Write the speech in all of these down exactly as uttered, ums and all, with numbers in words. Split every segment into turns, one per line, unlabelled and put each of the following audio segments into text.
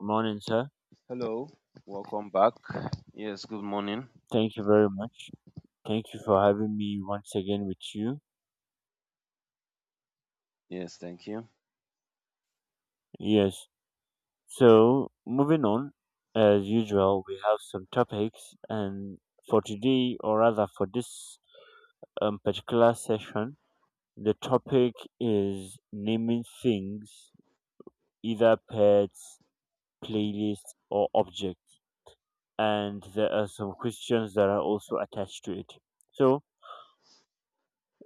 Morning, sir.
Hello, welcome back. Yes, good morning.
Thank you very much. Thank you for having me once again with you.
Yes, thank you.
Yes. So, moving on, as usual, we have some topics, and for today, or rather for this um, particular session, the topic is naming things, either pets, playlists, or objects. And there are some questions that are also attached to it. So,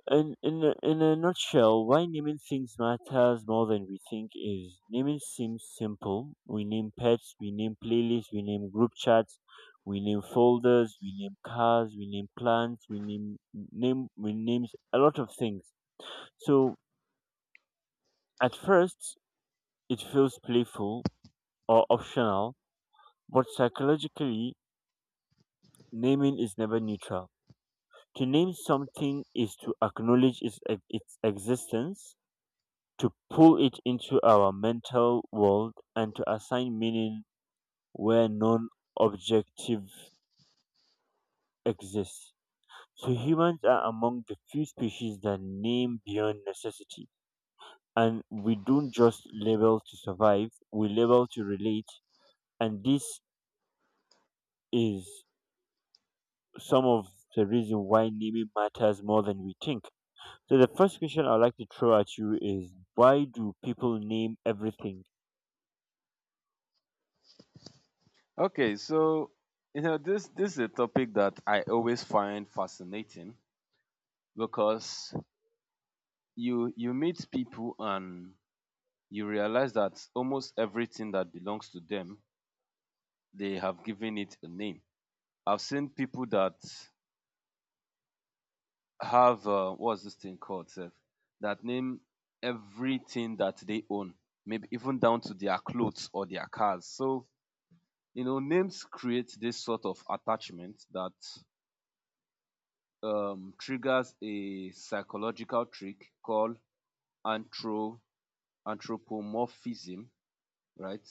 And in a, in a nutshell, why naming things matters more than we think is naming seems simple. We name pets, we name playlists, we name group chats, we name folders, we name cars, we name plants, we name name we name a lot of things. So at first, it feels playful or optional, but psychologically, naming is never neutral. To name something is to acknowledge its, its existence, to pull it into our mental world and to assign meaning where non objective exists. So humans are among the few species that name beyond necessity. And we don't just label to survive, we label to relate. And this is some of the reason why naming matters more than we think. So the first question I'd like to throw at you is, why do people name everything?
Okay, so you know this this is a topic that I always find fascinating because you you meet people and you realize that almost everything that belongs to them they have given it a name. I've seen people that have uh, what's this thing called sef that name everything that they own maybe even down to their clothes or their cars. So you know, names create this sort of attachment that um, triggers a psychological trick called anthro- anthropomorphism, right?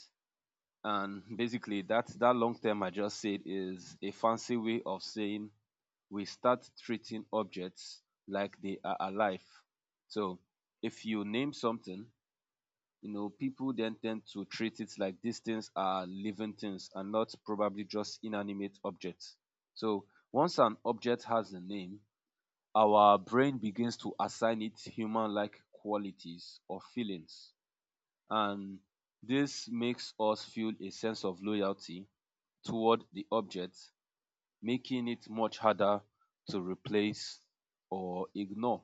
And basically, that that long term I just said is a fancy way of saying we start treating objects like they are alive. So, if you name something, you know, people then tend to treat it like these things are living things and not probably just inanimate objects. So once an object has a name, our brain begins to assign it human like qualities or feelings. And this makes us feel a sense of loyalty toward the object, making it much harder to replace or ignore.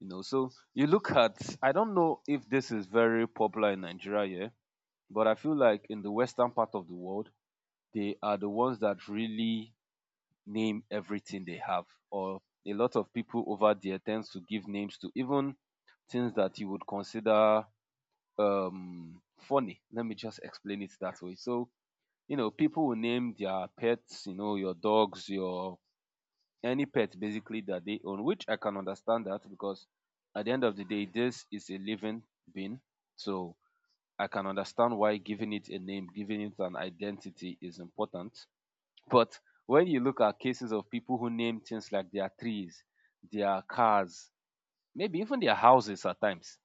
You know, so you look at, I don't know if this is very popular in Nigeria, yeah, but I feel like in the western part of the world, they are the ones that really name everything they have. Or a lot of people over there tends to give names to even things that you would consider um funny. Let me just explain it that way. So, you know, people will name their pets, you know, your dogs, your any pet basically that they own, which I can understand that because at the end of the day, this is a living being. So I can understand why giving it a name, giving it an identity is important. But when you look at cases of people who name things like their trees, their cars, maybe even their houses at times,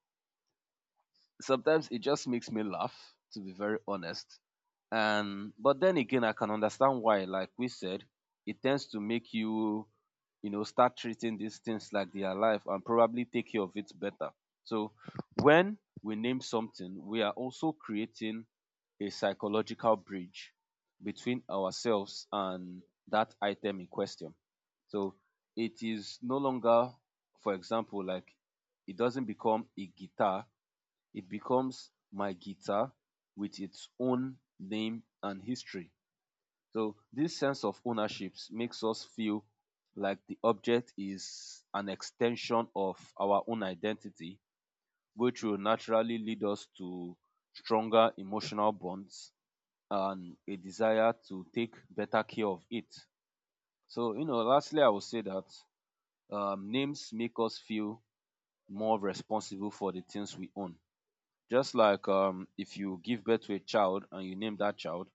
sometimes it just makes me laugh, to be very honest. And but then again, I can understand why. Like we said, it tends to make you, you know, start treating these things like they are life and probably take care of it better. So when we name something, we are also creating a psychological bridge between ourselves and that item in question. So it is no longer, for example, like it doesn't become a guitar, it becomes My Guitar with its own name and history. So this sense of ownership makes us feel like the object is an extension of our own identity, which will naturally lead us to stronger emotional bonds and a desire to take better care of it. So, you know, lastly, I would say that um, names make us feel more responsible for the things we own. Just like um, if you give birth to a child and you name that child,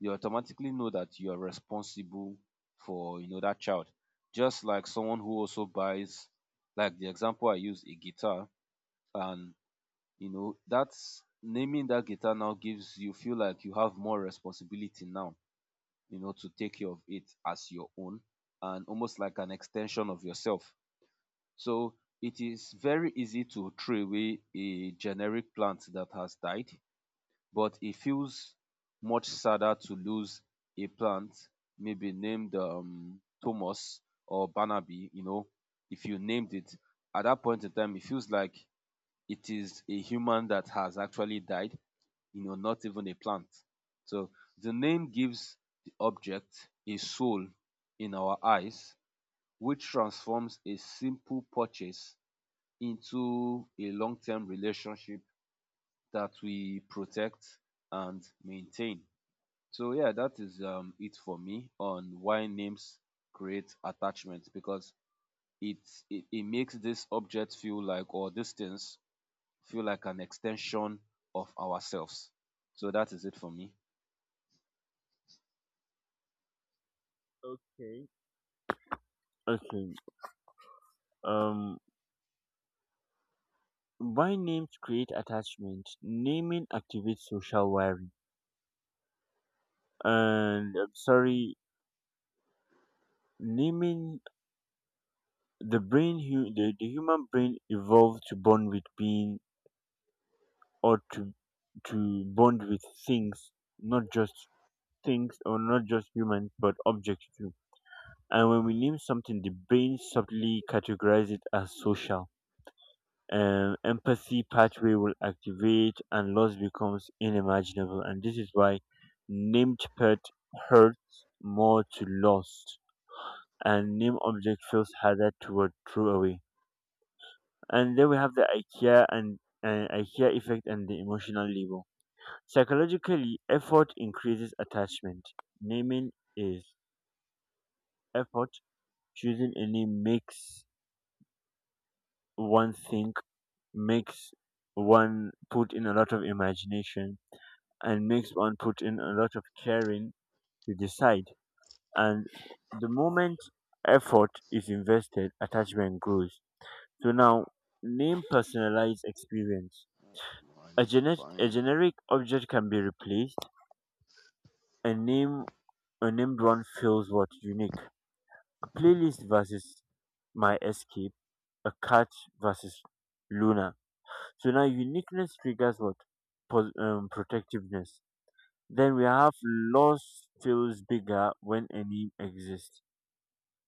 you automatically know that you are responsible for you know that child. Just like someone who also buys, like the example I use, a guitar, and you know that's naming that guitar now gives you feel like you have more responsibility now, you know, to take care of it as your own and almost like an extension of yourself. So it is very easy to throw away a generic plant that has died, but it feels much sadder to lose a plant, maybe named um, Thomas or Barnaby, you know, if you named it, at that point in time, it feels like it is a human that has actually died, you know, not even a plant. So the name gives the object a soul in our eyes, which transforms a simple purchase into a long term relationship that we protect and maintain. So yeah, that is um, it for me on why names create attachment because it, it it makes this object feel like, or these things feel like an extension of ourselves. So that is it for me.
Okay. Okay. Um By names create attachment, naming activates social wiring. And I'm sorry, naming the brain, hu- the, the human brain evolved to bond with being, or to to bond with things, not just things, or not just humans, but objects too. And when we name something, the brain subtly categorizes it as social. Um, empathy pathway will activate and loss becomes unimaginable, and this is why named pet hurts more to lost, and named object feels harder toward throwaway. And then we have the ikea and uh, ikea effect, and the emotional label. Psychologically, effort increases attachment. Naming is effort. Choosing a name makes one think, makes one put in a lot of imagination, and makes one put in a lot of caring to decide. And the moment effort is invested, attachment grows. So now, name personalized experience.
I
A,
need to
genet- a
find.
generic object can be replaced. A name, a named one feels what unique. A playlist versus my escape. A cat versus Luna. So now, uniqueness triggers what? Pos- um, protectiveness. Then we have loss feels bigger when a name exists.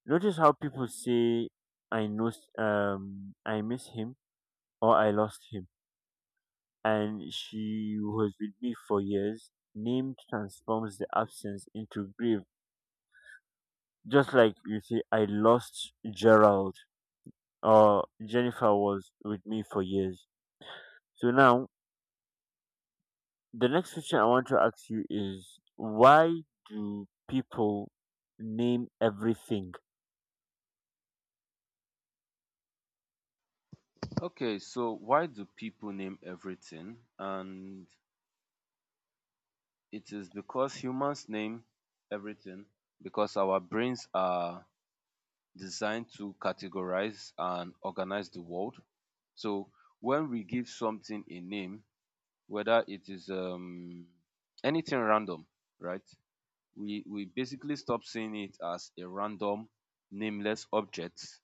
Notice how people say, "I know, um, I miss him," or "I lost him," and she was with me for years. Name transforms the absence into grief. Just like you say, "I lost Gerald," or "Jennifer was with me for years." So now, the next question I want to ask you is, why do people name everything?
Okay, so why do people name everything? And it is because humans name everything because our brains are designed to categorize and organize the world. So when we give something a name, whether it is um, anything random, right? We we basically stop seeing it as a random, nameless object,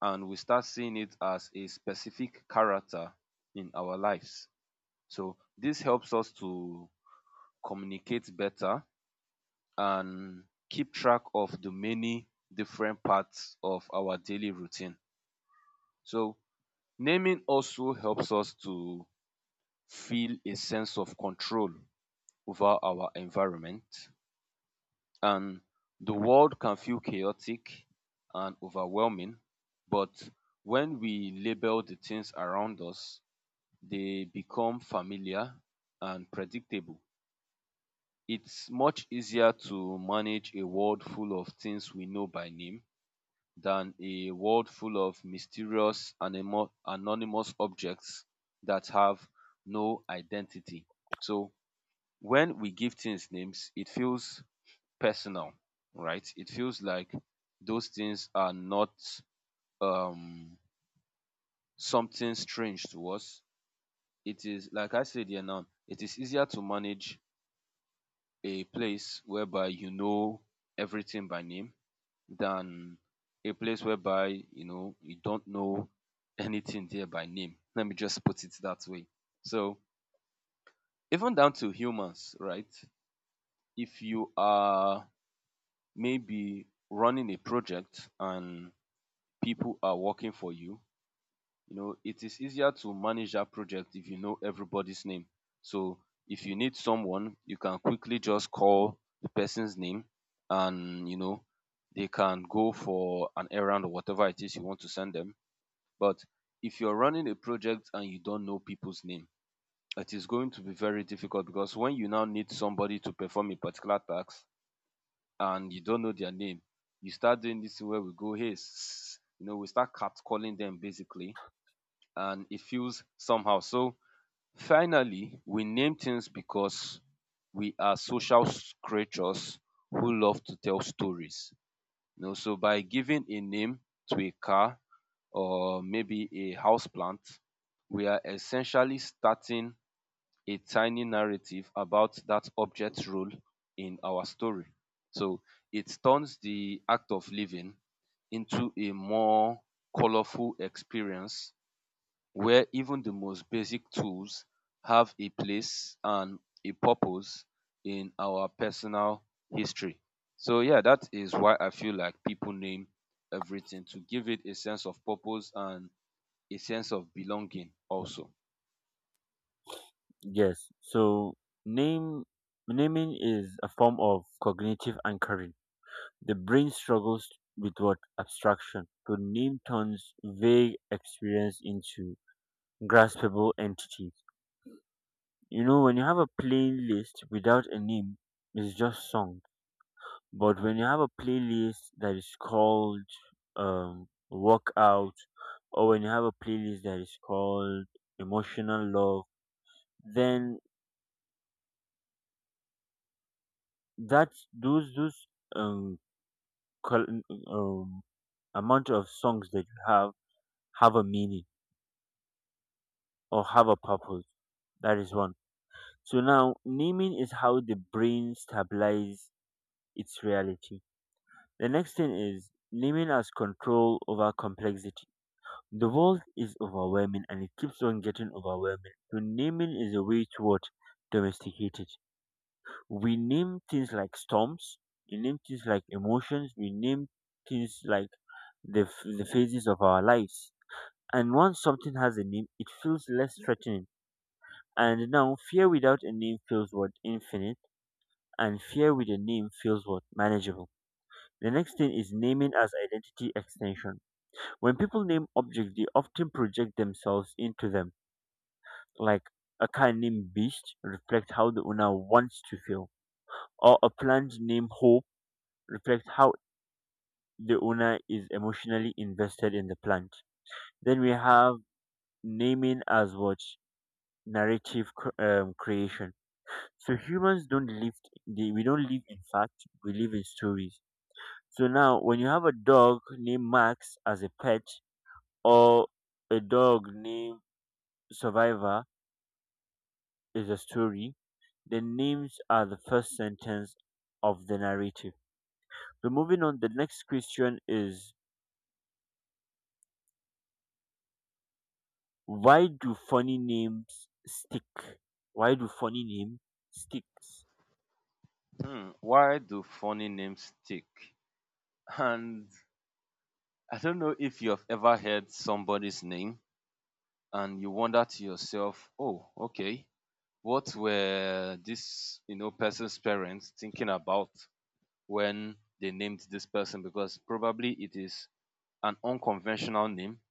and we start seeing it as a specific character in our lives. So this helps us to communicate better and keep track of the many different parts of our daily routine. So naming also helps us to feel a sense of control over our environment, and the world can feel chaotic and overwhelming, but when we label the things around us, they become familiar and predictable. It's much easier to manage a world full of things we know by name than a world full of mysterious animo- anonymous objects that have no identity. So when we give things names, it feels personal, right? It feels like those things are not um something strange to us. It is like I said here now, it is easier to manage a place whereby you know everything by name than a place whereby you know you don't know anything there by name. Let me just put it that way. So even down to humans, right? If you are maybe running a project and people are working for you, you know, it is easier to manage that project if you know everybody's name. So if you need someone, you can quickly just call the person's name and you know they can go for an errand or whatever it is you want to send them. But if you're running a project and you don't know people's name, it is going to be very difficult because when you now need somebody to perform a particular task and you don't know their name, you start doing this thing where we go, hey, s- you know, we start catcalling them basically, and it feels somehow. So finally, we name things because we are social s- creatures who love to tell stories. You know, so by giving a name to a car, or maybe a house plant, we are essentially starting a tiny narrative about that object's role in our story. So it turns the act of living into a more colorful experience where even the most basic tools have a place and a purpose in our personal history. So yeah, that is why I feel like people name everything to give it a sense of purpose and a sense of belonging also.
Yes. So name naming is a form of cognitive anchoring. The brain struggles with what abstraction. To name turns vague experience into graspable entities. You know, when you have a plain list without a name, it's just song. But when you have a playlist that is called um, workout, or when you have a playlist that is called emotional love, then that those those um col- um, amount of songs that you have have a meaning or have a purpose. That is one. So now naming is how the brain stabilizes its reality. The next thing is naming as control over complexity. The world is overwhelming and it keeps on getting overwhelming. So naming is a way to what domesticate it. We name things like storms, we name things like emotions, we name things like the, f- the phases of our lives. And once something has a name, it feels less threatening. And now, fear without a name feels what? Infinite. And fear with a name feels what? Manageable. The next thing is naming as identity extension. When people name objects, they often project themselves into them. Like a car named Beast reflects how the owner wants to feel, or a plant named Hope reflects how the owner is emotionally invested in the plant. Then we have naming as what? Narrative cr- um, creation. So humans don't live, they, we don't live in fact, we live in stories. So now when you have a dog named Max as a pet, or a dog named Survivor, is a story. The names are the first sentence of the narrative. So moving on, the next question is, why do funny names stick? Why do funny names sticks
Hmm, why do funny names stick? And I don't know if you have ever heard somebody's name and you wonder to yourself, oh, okay, what were this you know person's parents thinking about when they named this person? Because probably it is an unconventional name,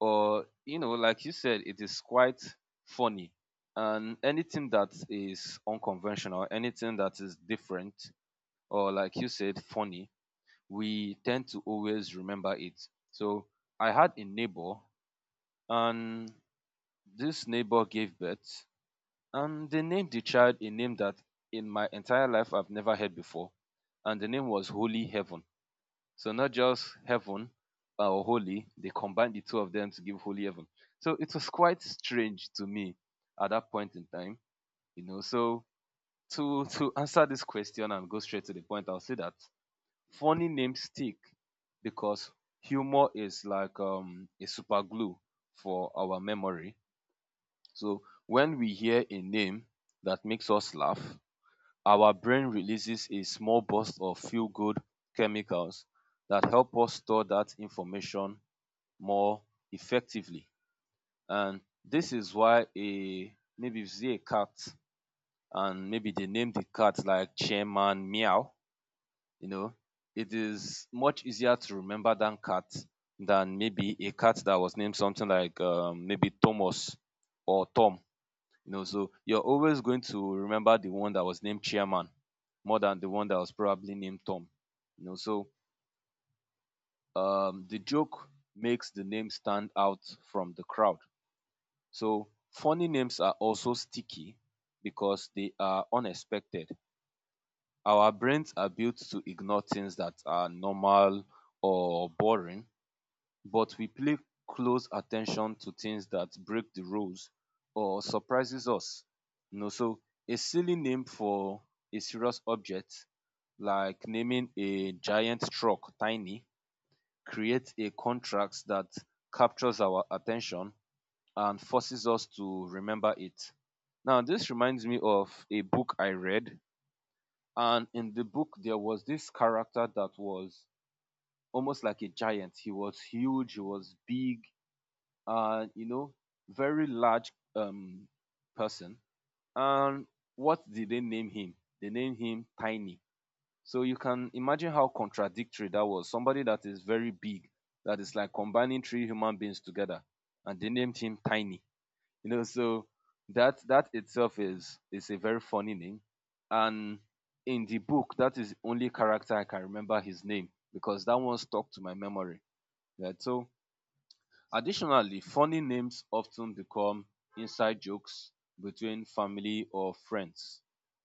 or you know, like you said, it is quite funny. And anything that is unconventional, anything that is different, or like you said, funny, we tend to always remember it. So I had a neighbor, and this neighbor gave birth, and they named the child a name that in my entire life I've never heard before, and the name was Holy Heaven. So not just heaven uh, or holy, they combined the two of them to give Holy Heaven. So it was quite strange to me at that point in time, you know. So to to answer this question and go straight to the point, I'll say that funny names stick because humor is like um, a super glue for our memory. So when we hear a name that makes us laugh, our brain releases a small burst of feel good chemicals that help us store that information more effectively. And this is why, a maybe you see a cat and maybe they name the cat like Chairman Meow. You know, it is much easier to remember than cat than maybe a cat that was named something like um, maybe Thomas or Tom. You know, so you're always going to remember the one that was named Chairman more than the one that was probably named Tom. You know, so um, the joke makes the name stand out from the crowd. So funny names are also sticky because they are unexpected. Our brains are built to ignore things that are normal or boring, but we pay close attention to things that break the rules or surprises us. You know, so a silly name for a serious object, like naming a giant truck tiny, creates a contrast that captures our attention and forces us to remember it. Now, this reminds me of a book I read and in the book, there was this character that was almost like a giant. He was huge, he was big, and you know, very large um, person. And what did they name him? They named him Tiny. So you can imagine how contradictory that was. Somebody that is very big, that is like combining three human beings together, and they named him Tiny you know so that that itself is is a very funny name, and in the book, that is the only character I can remember his name, because that one stuck to my memory, right? So additionally, funny names often become inside jokes between family or friends.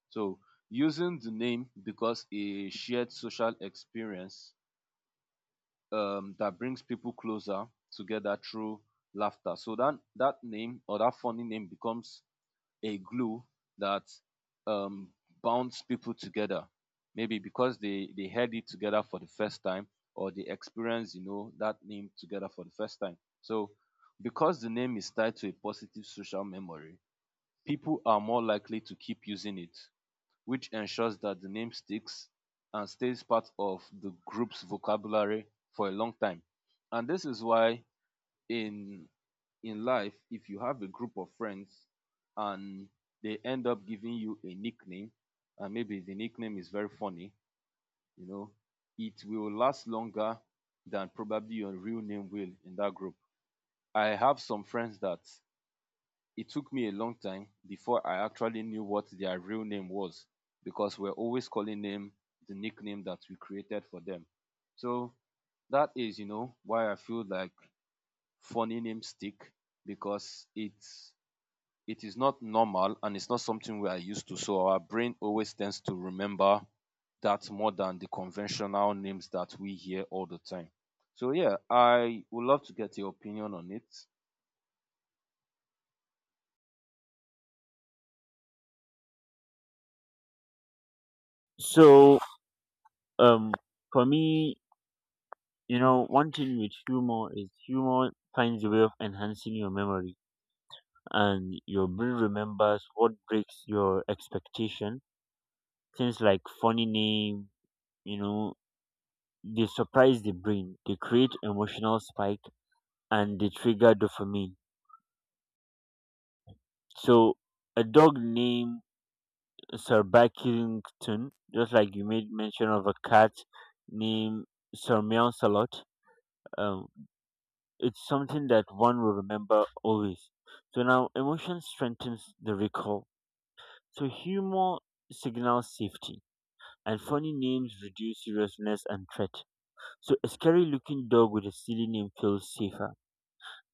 So using the name because a shared social experience um, that brings people closer together through laughter. So that that name or that funny name becomes a glue that um, bonds people together. Maybe because they, they heard it together for the first time, or they experienced, you know, that name together for the first time. So because the name is tied to a positive social memory, people are more likely to keep using it, which ensures that the name sticks and stays part of the group's vocabulary for a long time. And this is why in in life, if you have a group of friends and they end up giving you a nickname, and maybe the nickname is very funny, you know, it will last longer than probably your real name will in that group. I have some friends that it took me a long time before I actually knew what their real name was, because we're always calling them the nickname that we created for them. So that is, you know, why I feel like funny names stick, because it's it is not normal and it's not something we are used to. So our brain always tends to remember that more than the conventional names that we hear all the time. So yeah, I would love to get your opinion on it.
So um for me, you know, one thing with humor is humor finds a way of enhancing your memory, and your brain remembers what breaks your expectation. Things like funny name, you know, they surprise the brain, they create emotional spike, and they trigger dopamine. So a dog named Sir Bakington, just like you made mention of a cat named Sir Meow Salot, it's something that one will remember always. So now emotion strengthens the recall. So humor signals safety. And funny names reduce seriousness and threat. So a scary looking dog with a silly name feels safer.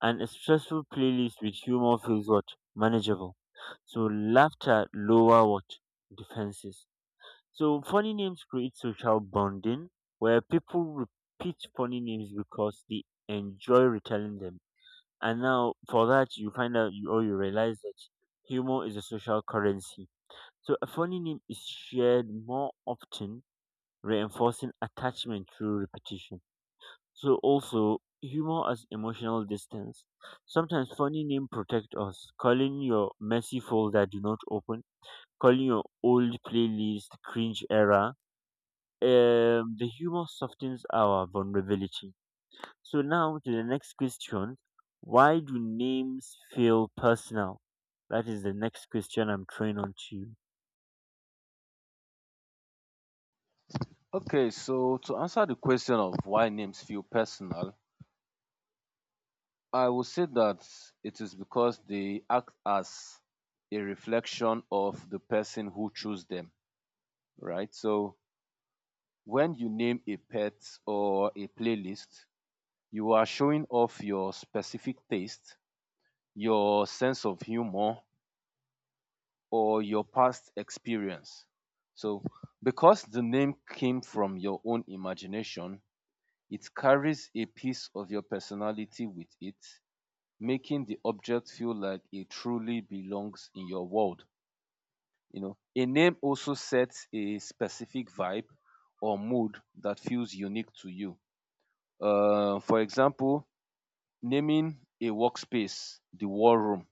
And a stressful playlist with humor feels what? Manageable. So laughter lower what? Defenses. So funny names create social bonding, where people repeat funny names because they enjoy retelling them. And now for that you find out, you or you realize that humor is a social currency. So a funny name is shared more often, reinforcing attachment through repetition. So also humor as emotional distance. Sometimes funny name protect us, calling your messy folder do not open, calling your old playlist cringe era. Um, the humor softens our vulnerability. So now to the next question. Why do names feel personal? That is the next question I'm throwing on to you.
Okay, so to answer the question of why names feel personal, I would say that it is because they act as a reflection of the person who chose them, right? So when you name a pet or a playlist, you are showing off your specific taste, your sense of humor, or your past experience. So because the name came from your own imagination, it carries a piece of your personality with it, making the object feel like it truly belongs in your world. You know, a name also sets a specific vibe or mood that feels unique to you. Uh, for example, naming a workspace the war room.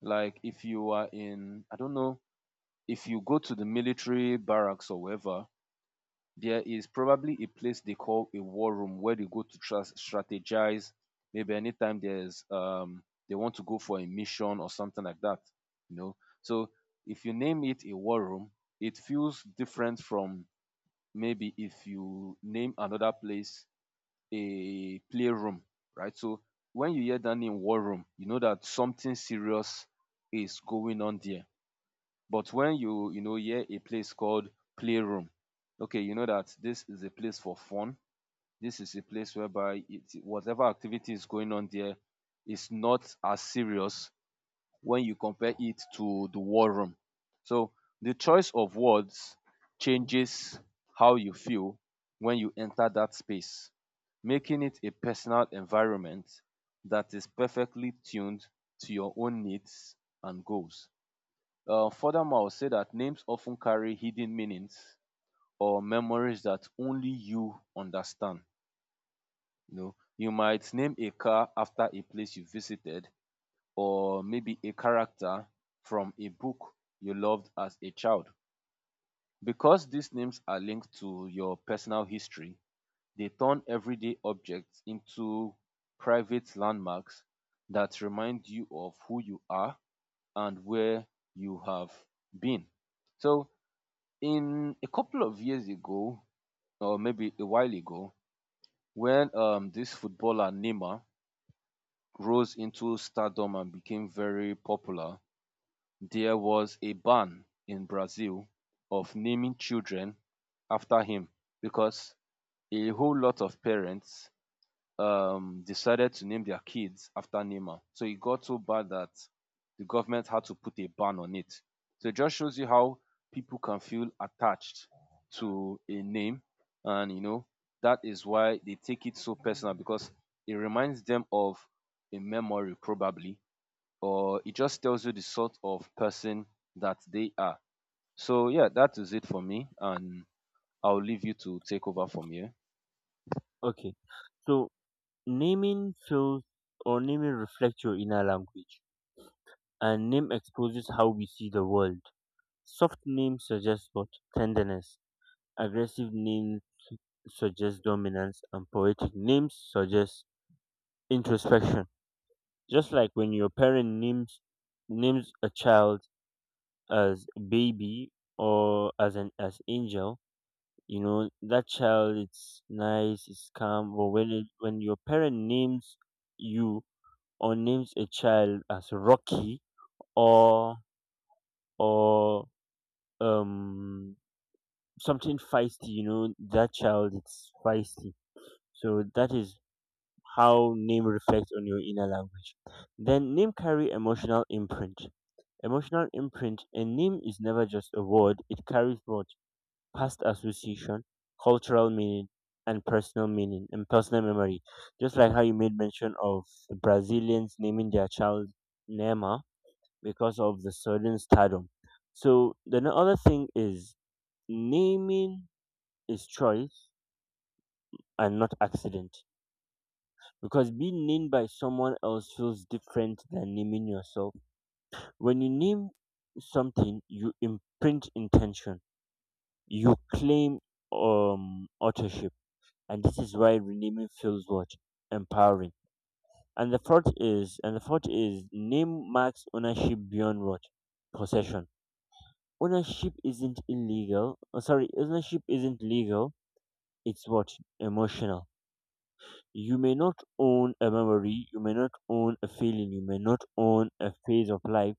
Like if you are in, I don't know, if you go to the military barracks or wherever, there is probably a place they call a war room where they go to tra- strategize. Maybe anytime there's um they want to go for a mission or something like that. You know, so if you name it a war room, it feels different from maybe if you name another place a playroom, right? So when you hear that name war room, you know that something serious is going on there. But when you you know, hear a place called playroom, okay, you know that this is a place for fun. This is a place whereby it, whatever activity is going on there is not as serious when you compare it to the war room. So the choice of words changes how you feel when you enter that space, making it a personal environment that is perfectly tuned to your own needs and goals. Uh, furthermore, I'll say that names often carry hidden meanings or memories that only you understand. You know, you might name a car after a place you visited, or maybe a character from a book you loved as a child. Because these names are linked to your personal history, they turn everyday objects into private landmarks that remind you of who you are and where you have been. So in a couple of years ago, or maybe a while ago, when um, this footballer Neymar rose into stardom and became very popular, there was a ban in Brazil of naming children after him, because a whole lot of parents um, decided to name their kids after Neymar. So it got so bad that the government had to put a ban on it. So it just shows you how people can feel attached to a name, and you know, that is why they take it so personal, because it reminds them of a memory probably, or it just tells you the sort of person that they are. So yeah, that is it for me, and I'll leave you to take over from here.
Okay. So naming feels or naming reflects your inner language. And name exposes how we see the world. Soft names suggest what? Tenderness. Aggressive names suggest dominance, and poetic names suggest introspection. Just like when your parent names names a child as baby, or as an as angel, you know that child it's nice it's calm. But when it, when your parent names you, or names a child as Rocky, or or um something feisty, you know that child it's feisty. So that is how name reflects on your inner language. Then name carry emotional imprint. Emotional imprint, a name is never just a word, it carries more past association, cultural meaning, and personal meaning and personal memory. Just like how you made mention of the Brazilians naming their child Nema because of the sudden stardom. So the n- other thing is naming is choice and not accident. Because being named by someone else feels different than naming yourself. When you name something, you imprint intention. You claim um authorship, and this is why renaming feels what? Empowering. And the fourth is and the fourth is name marks ownership beyond what possession. Ownership isn't illegal. Oh, sorry, ownership isn't legal. It's what emotional. You may not own a memory, you may not own a feeling, you may not own a phase of life,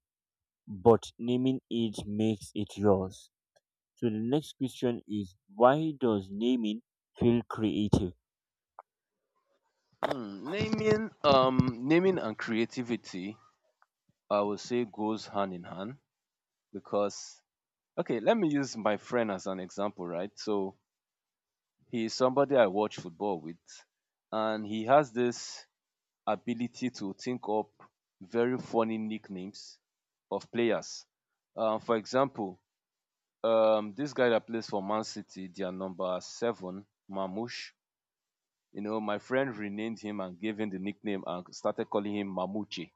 but naming it makes it yours. So the next question is, why does naming feel creative?
Hmm, naming, um, naming and creativity, I would say goes hand in hand because, okay, let me use my friend as an example, right? So he's somebody I watch football with, and he has this ability to think up very funny nicknames of players. Um, for example, um, this guy that plays for Man City, their number seven, Mamush. You know, my friend renamed him and gave him the nickname and started calling him Mamuchi.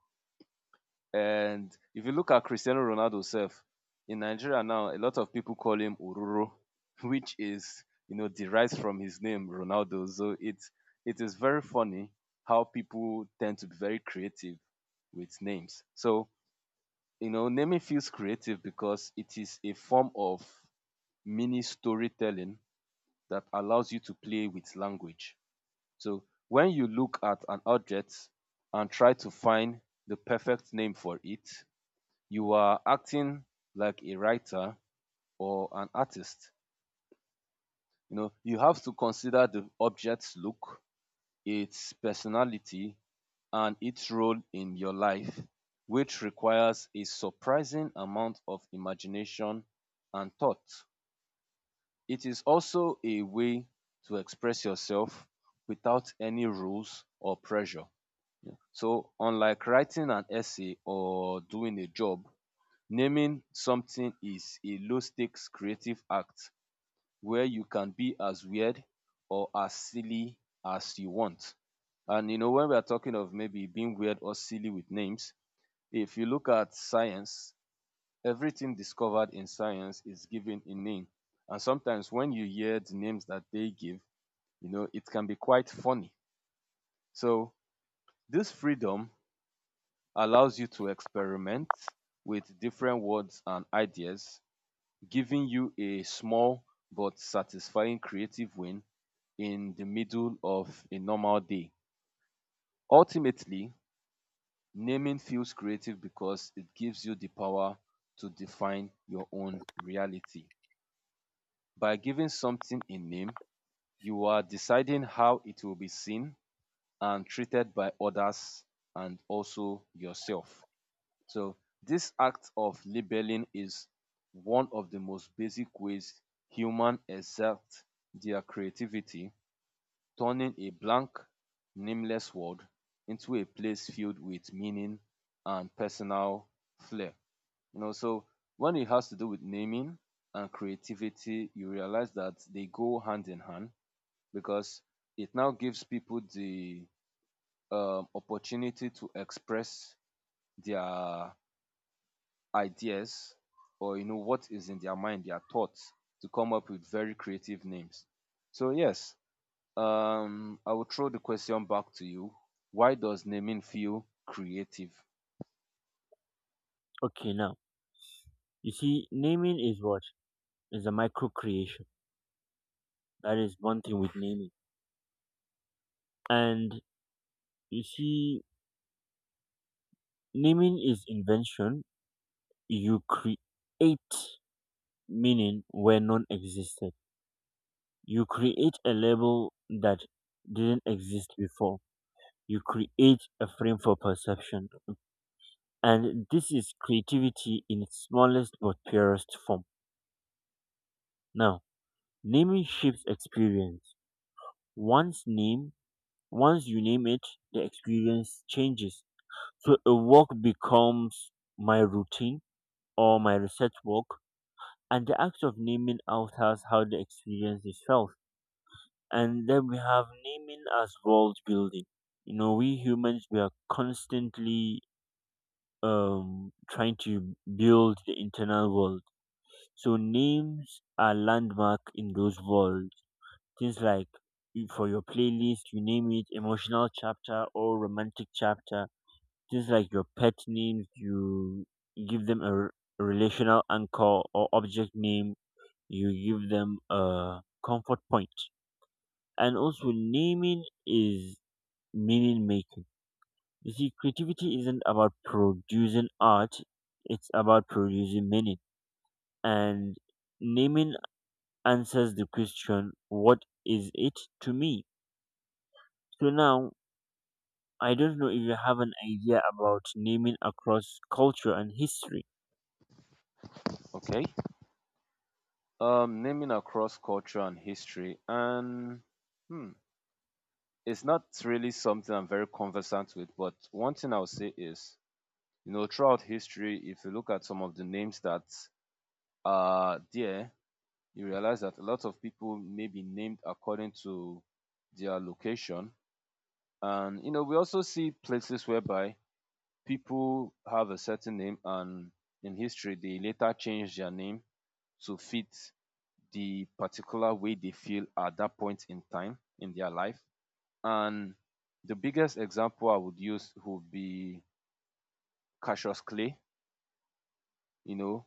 And if you look at Cristiano Ronaldo self, in Nigeria now, a lot of people call him Oruro, which is, you know, derives from his name, Ronaldo. So it's it is very funny how people tend to be very creative with names. So, you know, naming feels creative because it is a form of mini storytelling that allows you to play with language. So when you look at an object and try to find the perfect name for it, you are acting like a writer or an artist. You know, you have to consider the object's look, its personality, and its role in your life, which requires a surprising amount of imagination and thought. It is also a way to express yourself without any rules or pressure. So unlike writing an essay or doing a job, naming something is a low stakes creative act where you can be as weird or as silly as you want. And you know, when we are talking of maybe being weird or silly with names, if you look at science, everything discovered in science is given a name. And sometimes when you hear the names that they give, you know, it can be quite funny. So this freedom allows you to experiment with different words and ideas, giving you a small but satisfying creative win in the middle of a normal day. Ultimately, naming feels creative because it gives you the power to define your own reality. By giving something a name, you are deciding how it will be seen and treated by others and also yourself. So this act of labeling is one of the most basic ways humans exert their creativity, turning a blank, nameless world into a place filled with meaning and personal flair. You know, so when it has to do with naming and creativity, you realize that they go hand in hand because it now gives people the um, opportunity to express their ideas, or you know, what is in their mind, their thoughts, to come up with very creative names. So yes, um, I will throw the question back to you. Why does naming feel creative?
Okay, now you see, naming is what is a micro creation. That is one thing with naming. And you see, naming is invention. You create meaning where none existed. You create a label that didn't exist before. You create a frame for perception. And this is creativity in its smallest but purest form. Now, naming shapes experience. Once name, Once you name it, the experience changes. So a walk becomes my routine or my research work, and the act of naming out as how the experience is felt. And then we have naming as world building. You know, we humans we are constantly um trying to build the internal world. So names are landmark in those worlds. Things like you- for your playlist, you name it emotional chapter or romantic chapter. Just like your pet names, you give them a r- relational anchor, or object name, you give them a comfort point. And also, naming is meaning making. You see, creativity isn't about producing art, it's about producing meaning. And naming answers the question, what is it to me? So now, I don't know if you have an idea about naming across culture and history.
Okay. Um, naming across culture and history, and hmm, it's not really something I'm very conversant with. But one thing I'll say is, you know, throughout history, if you look at some of the names that are there, you realize that a lot of people may be named according to their location. And you know, we also see places whereby people have a certain name and in history they later change their name to fit the particular way they feel at that point in time in their life. And the biggest example I would use would be Cassius Clay, you know,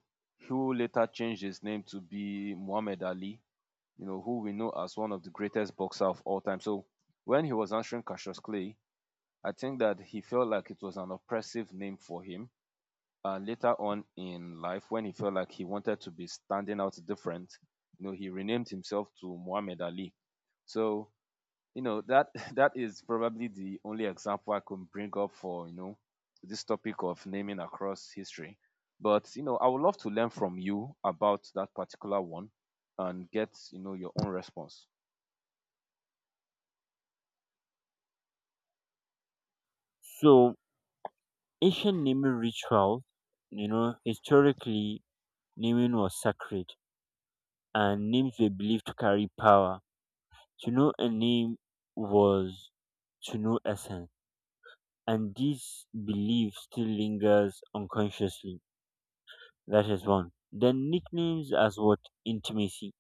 who later changed his name to be Muhammad Ali, you know, who we know as one of the greatest boxer of all time. So when he was answering Cassius Clay, I think that he felt like it was an oppressive name for him. And later on in life, when he felt like he wanted to be standing out different, you know, he renamed himself to Muhammad Ali. So, you know, that that is probably the only example I can bring up for, you know, this topic of naming across history. But, you know, I would love to learn from you about that particular one and get, you know, your own response.
So, Asian naming rituals, you know, historically, naming was sacred, and names were believed to carry power. To know a name was to know essence, and this belief still lingers unconsciously. That is one. Then nicknames as what intimacy.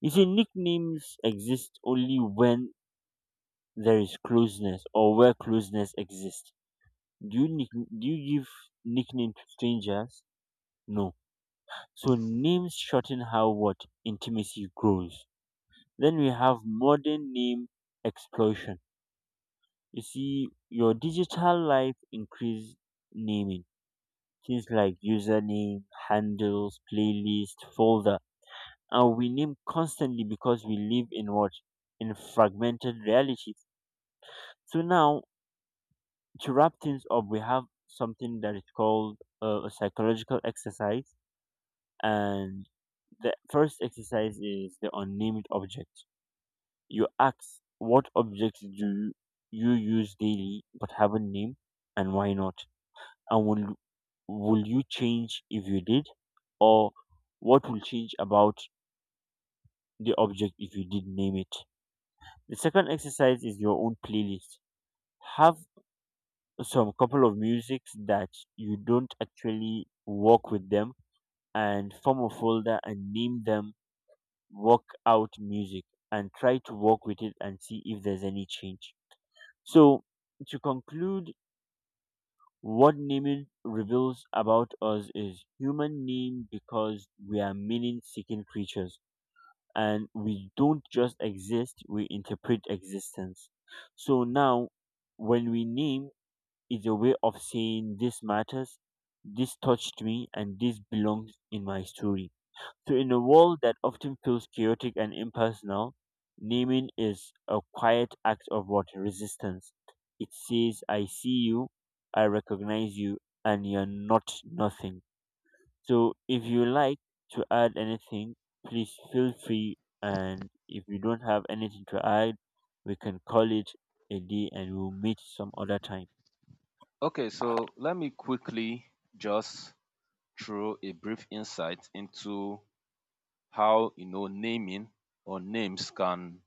You see, nicknames exist only when there is closeness, or where closeness exists. Do you nick- do you give nickname to strangers? No. So names shorten how what intimacy grows. Then we have modern name explosion. You see, your digital life increase naming things like username, handles, playlist, folder, and we name constantly because we live in what in fragmented realities. So now to wrap things up, we have something that is called uh, a psychological exercise, and the first exercise is the unnamed object. You ask, what objects do you use daily but haven't named, and why not? And will, will you change if you did? Or what will change about the object if you did name it? The second exercise is your own playlist. Have some couple of musics that you don't actually work with them, and form a folder and name them work out music, and try to work with it and see if there's any change. So to conclude, what naming reveals about us is human name because we are meaning seeking creatures, and we don't just exist, we interpret existence. So now, when we name, it's a way of saying this matters, this touched me, and this belongs in my story. So, in a world that often feels chaotic and impersonal, naming is a quiet act of what? Resistance. It says, I see you, I recognize you, and you're not nothing. So, if you like to add anything, please feel free. And if you don't have anything to add, we can call it a day, and we'll meet some other time.
Okay, so let me quickly just throw a brief insight into how you know naming or names can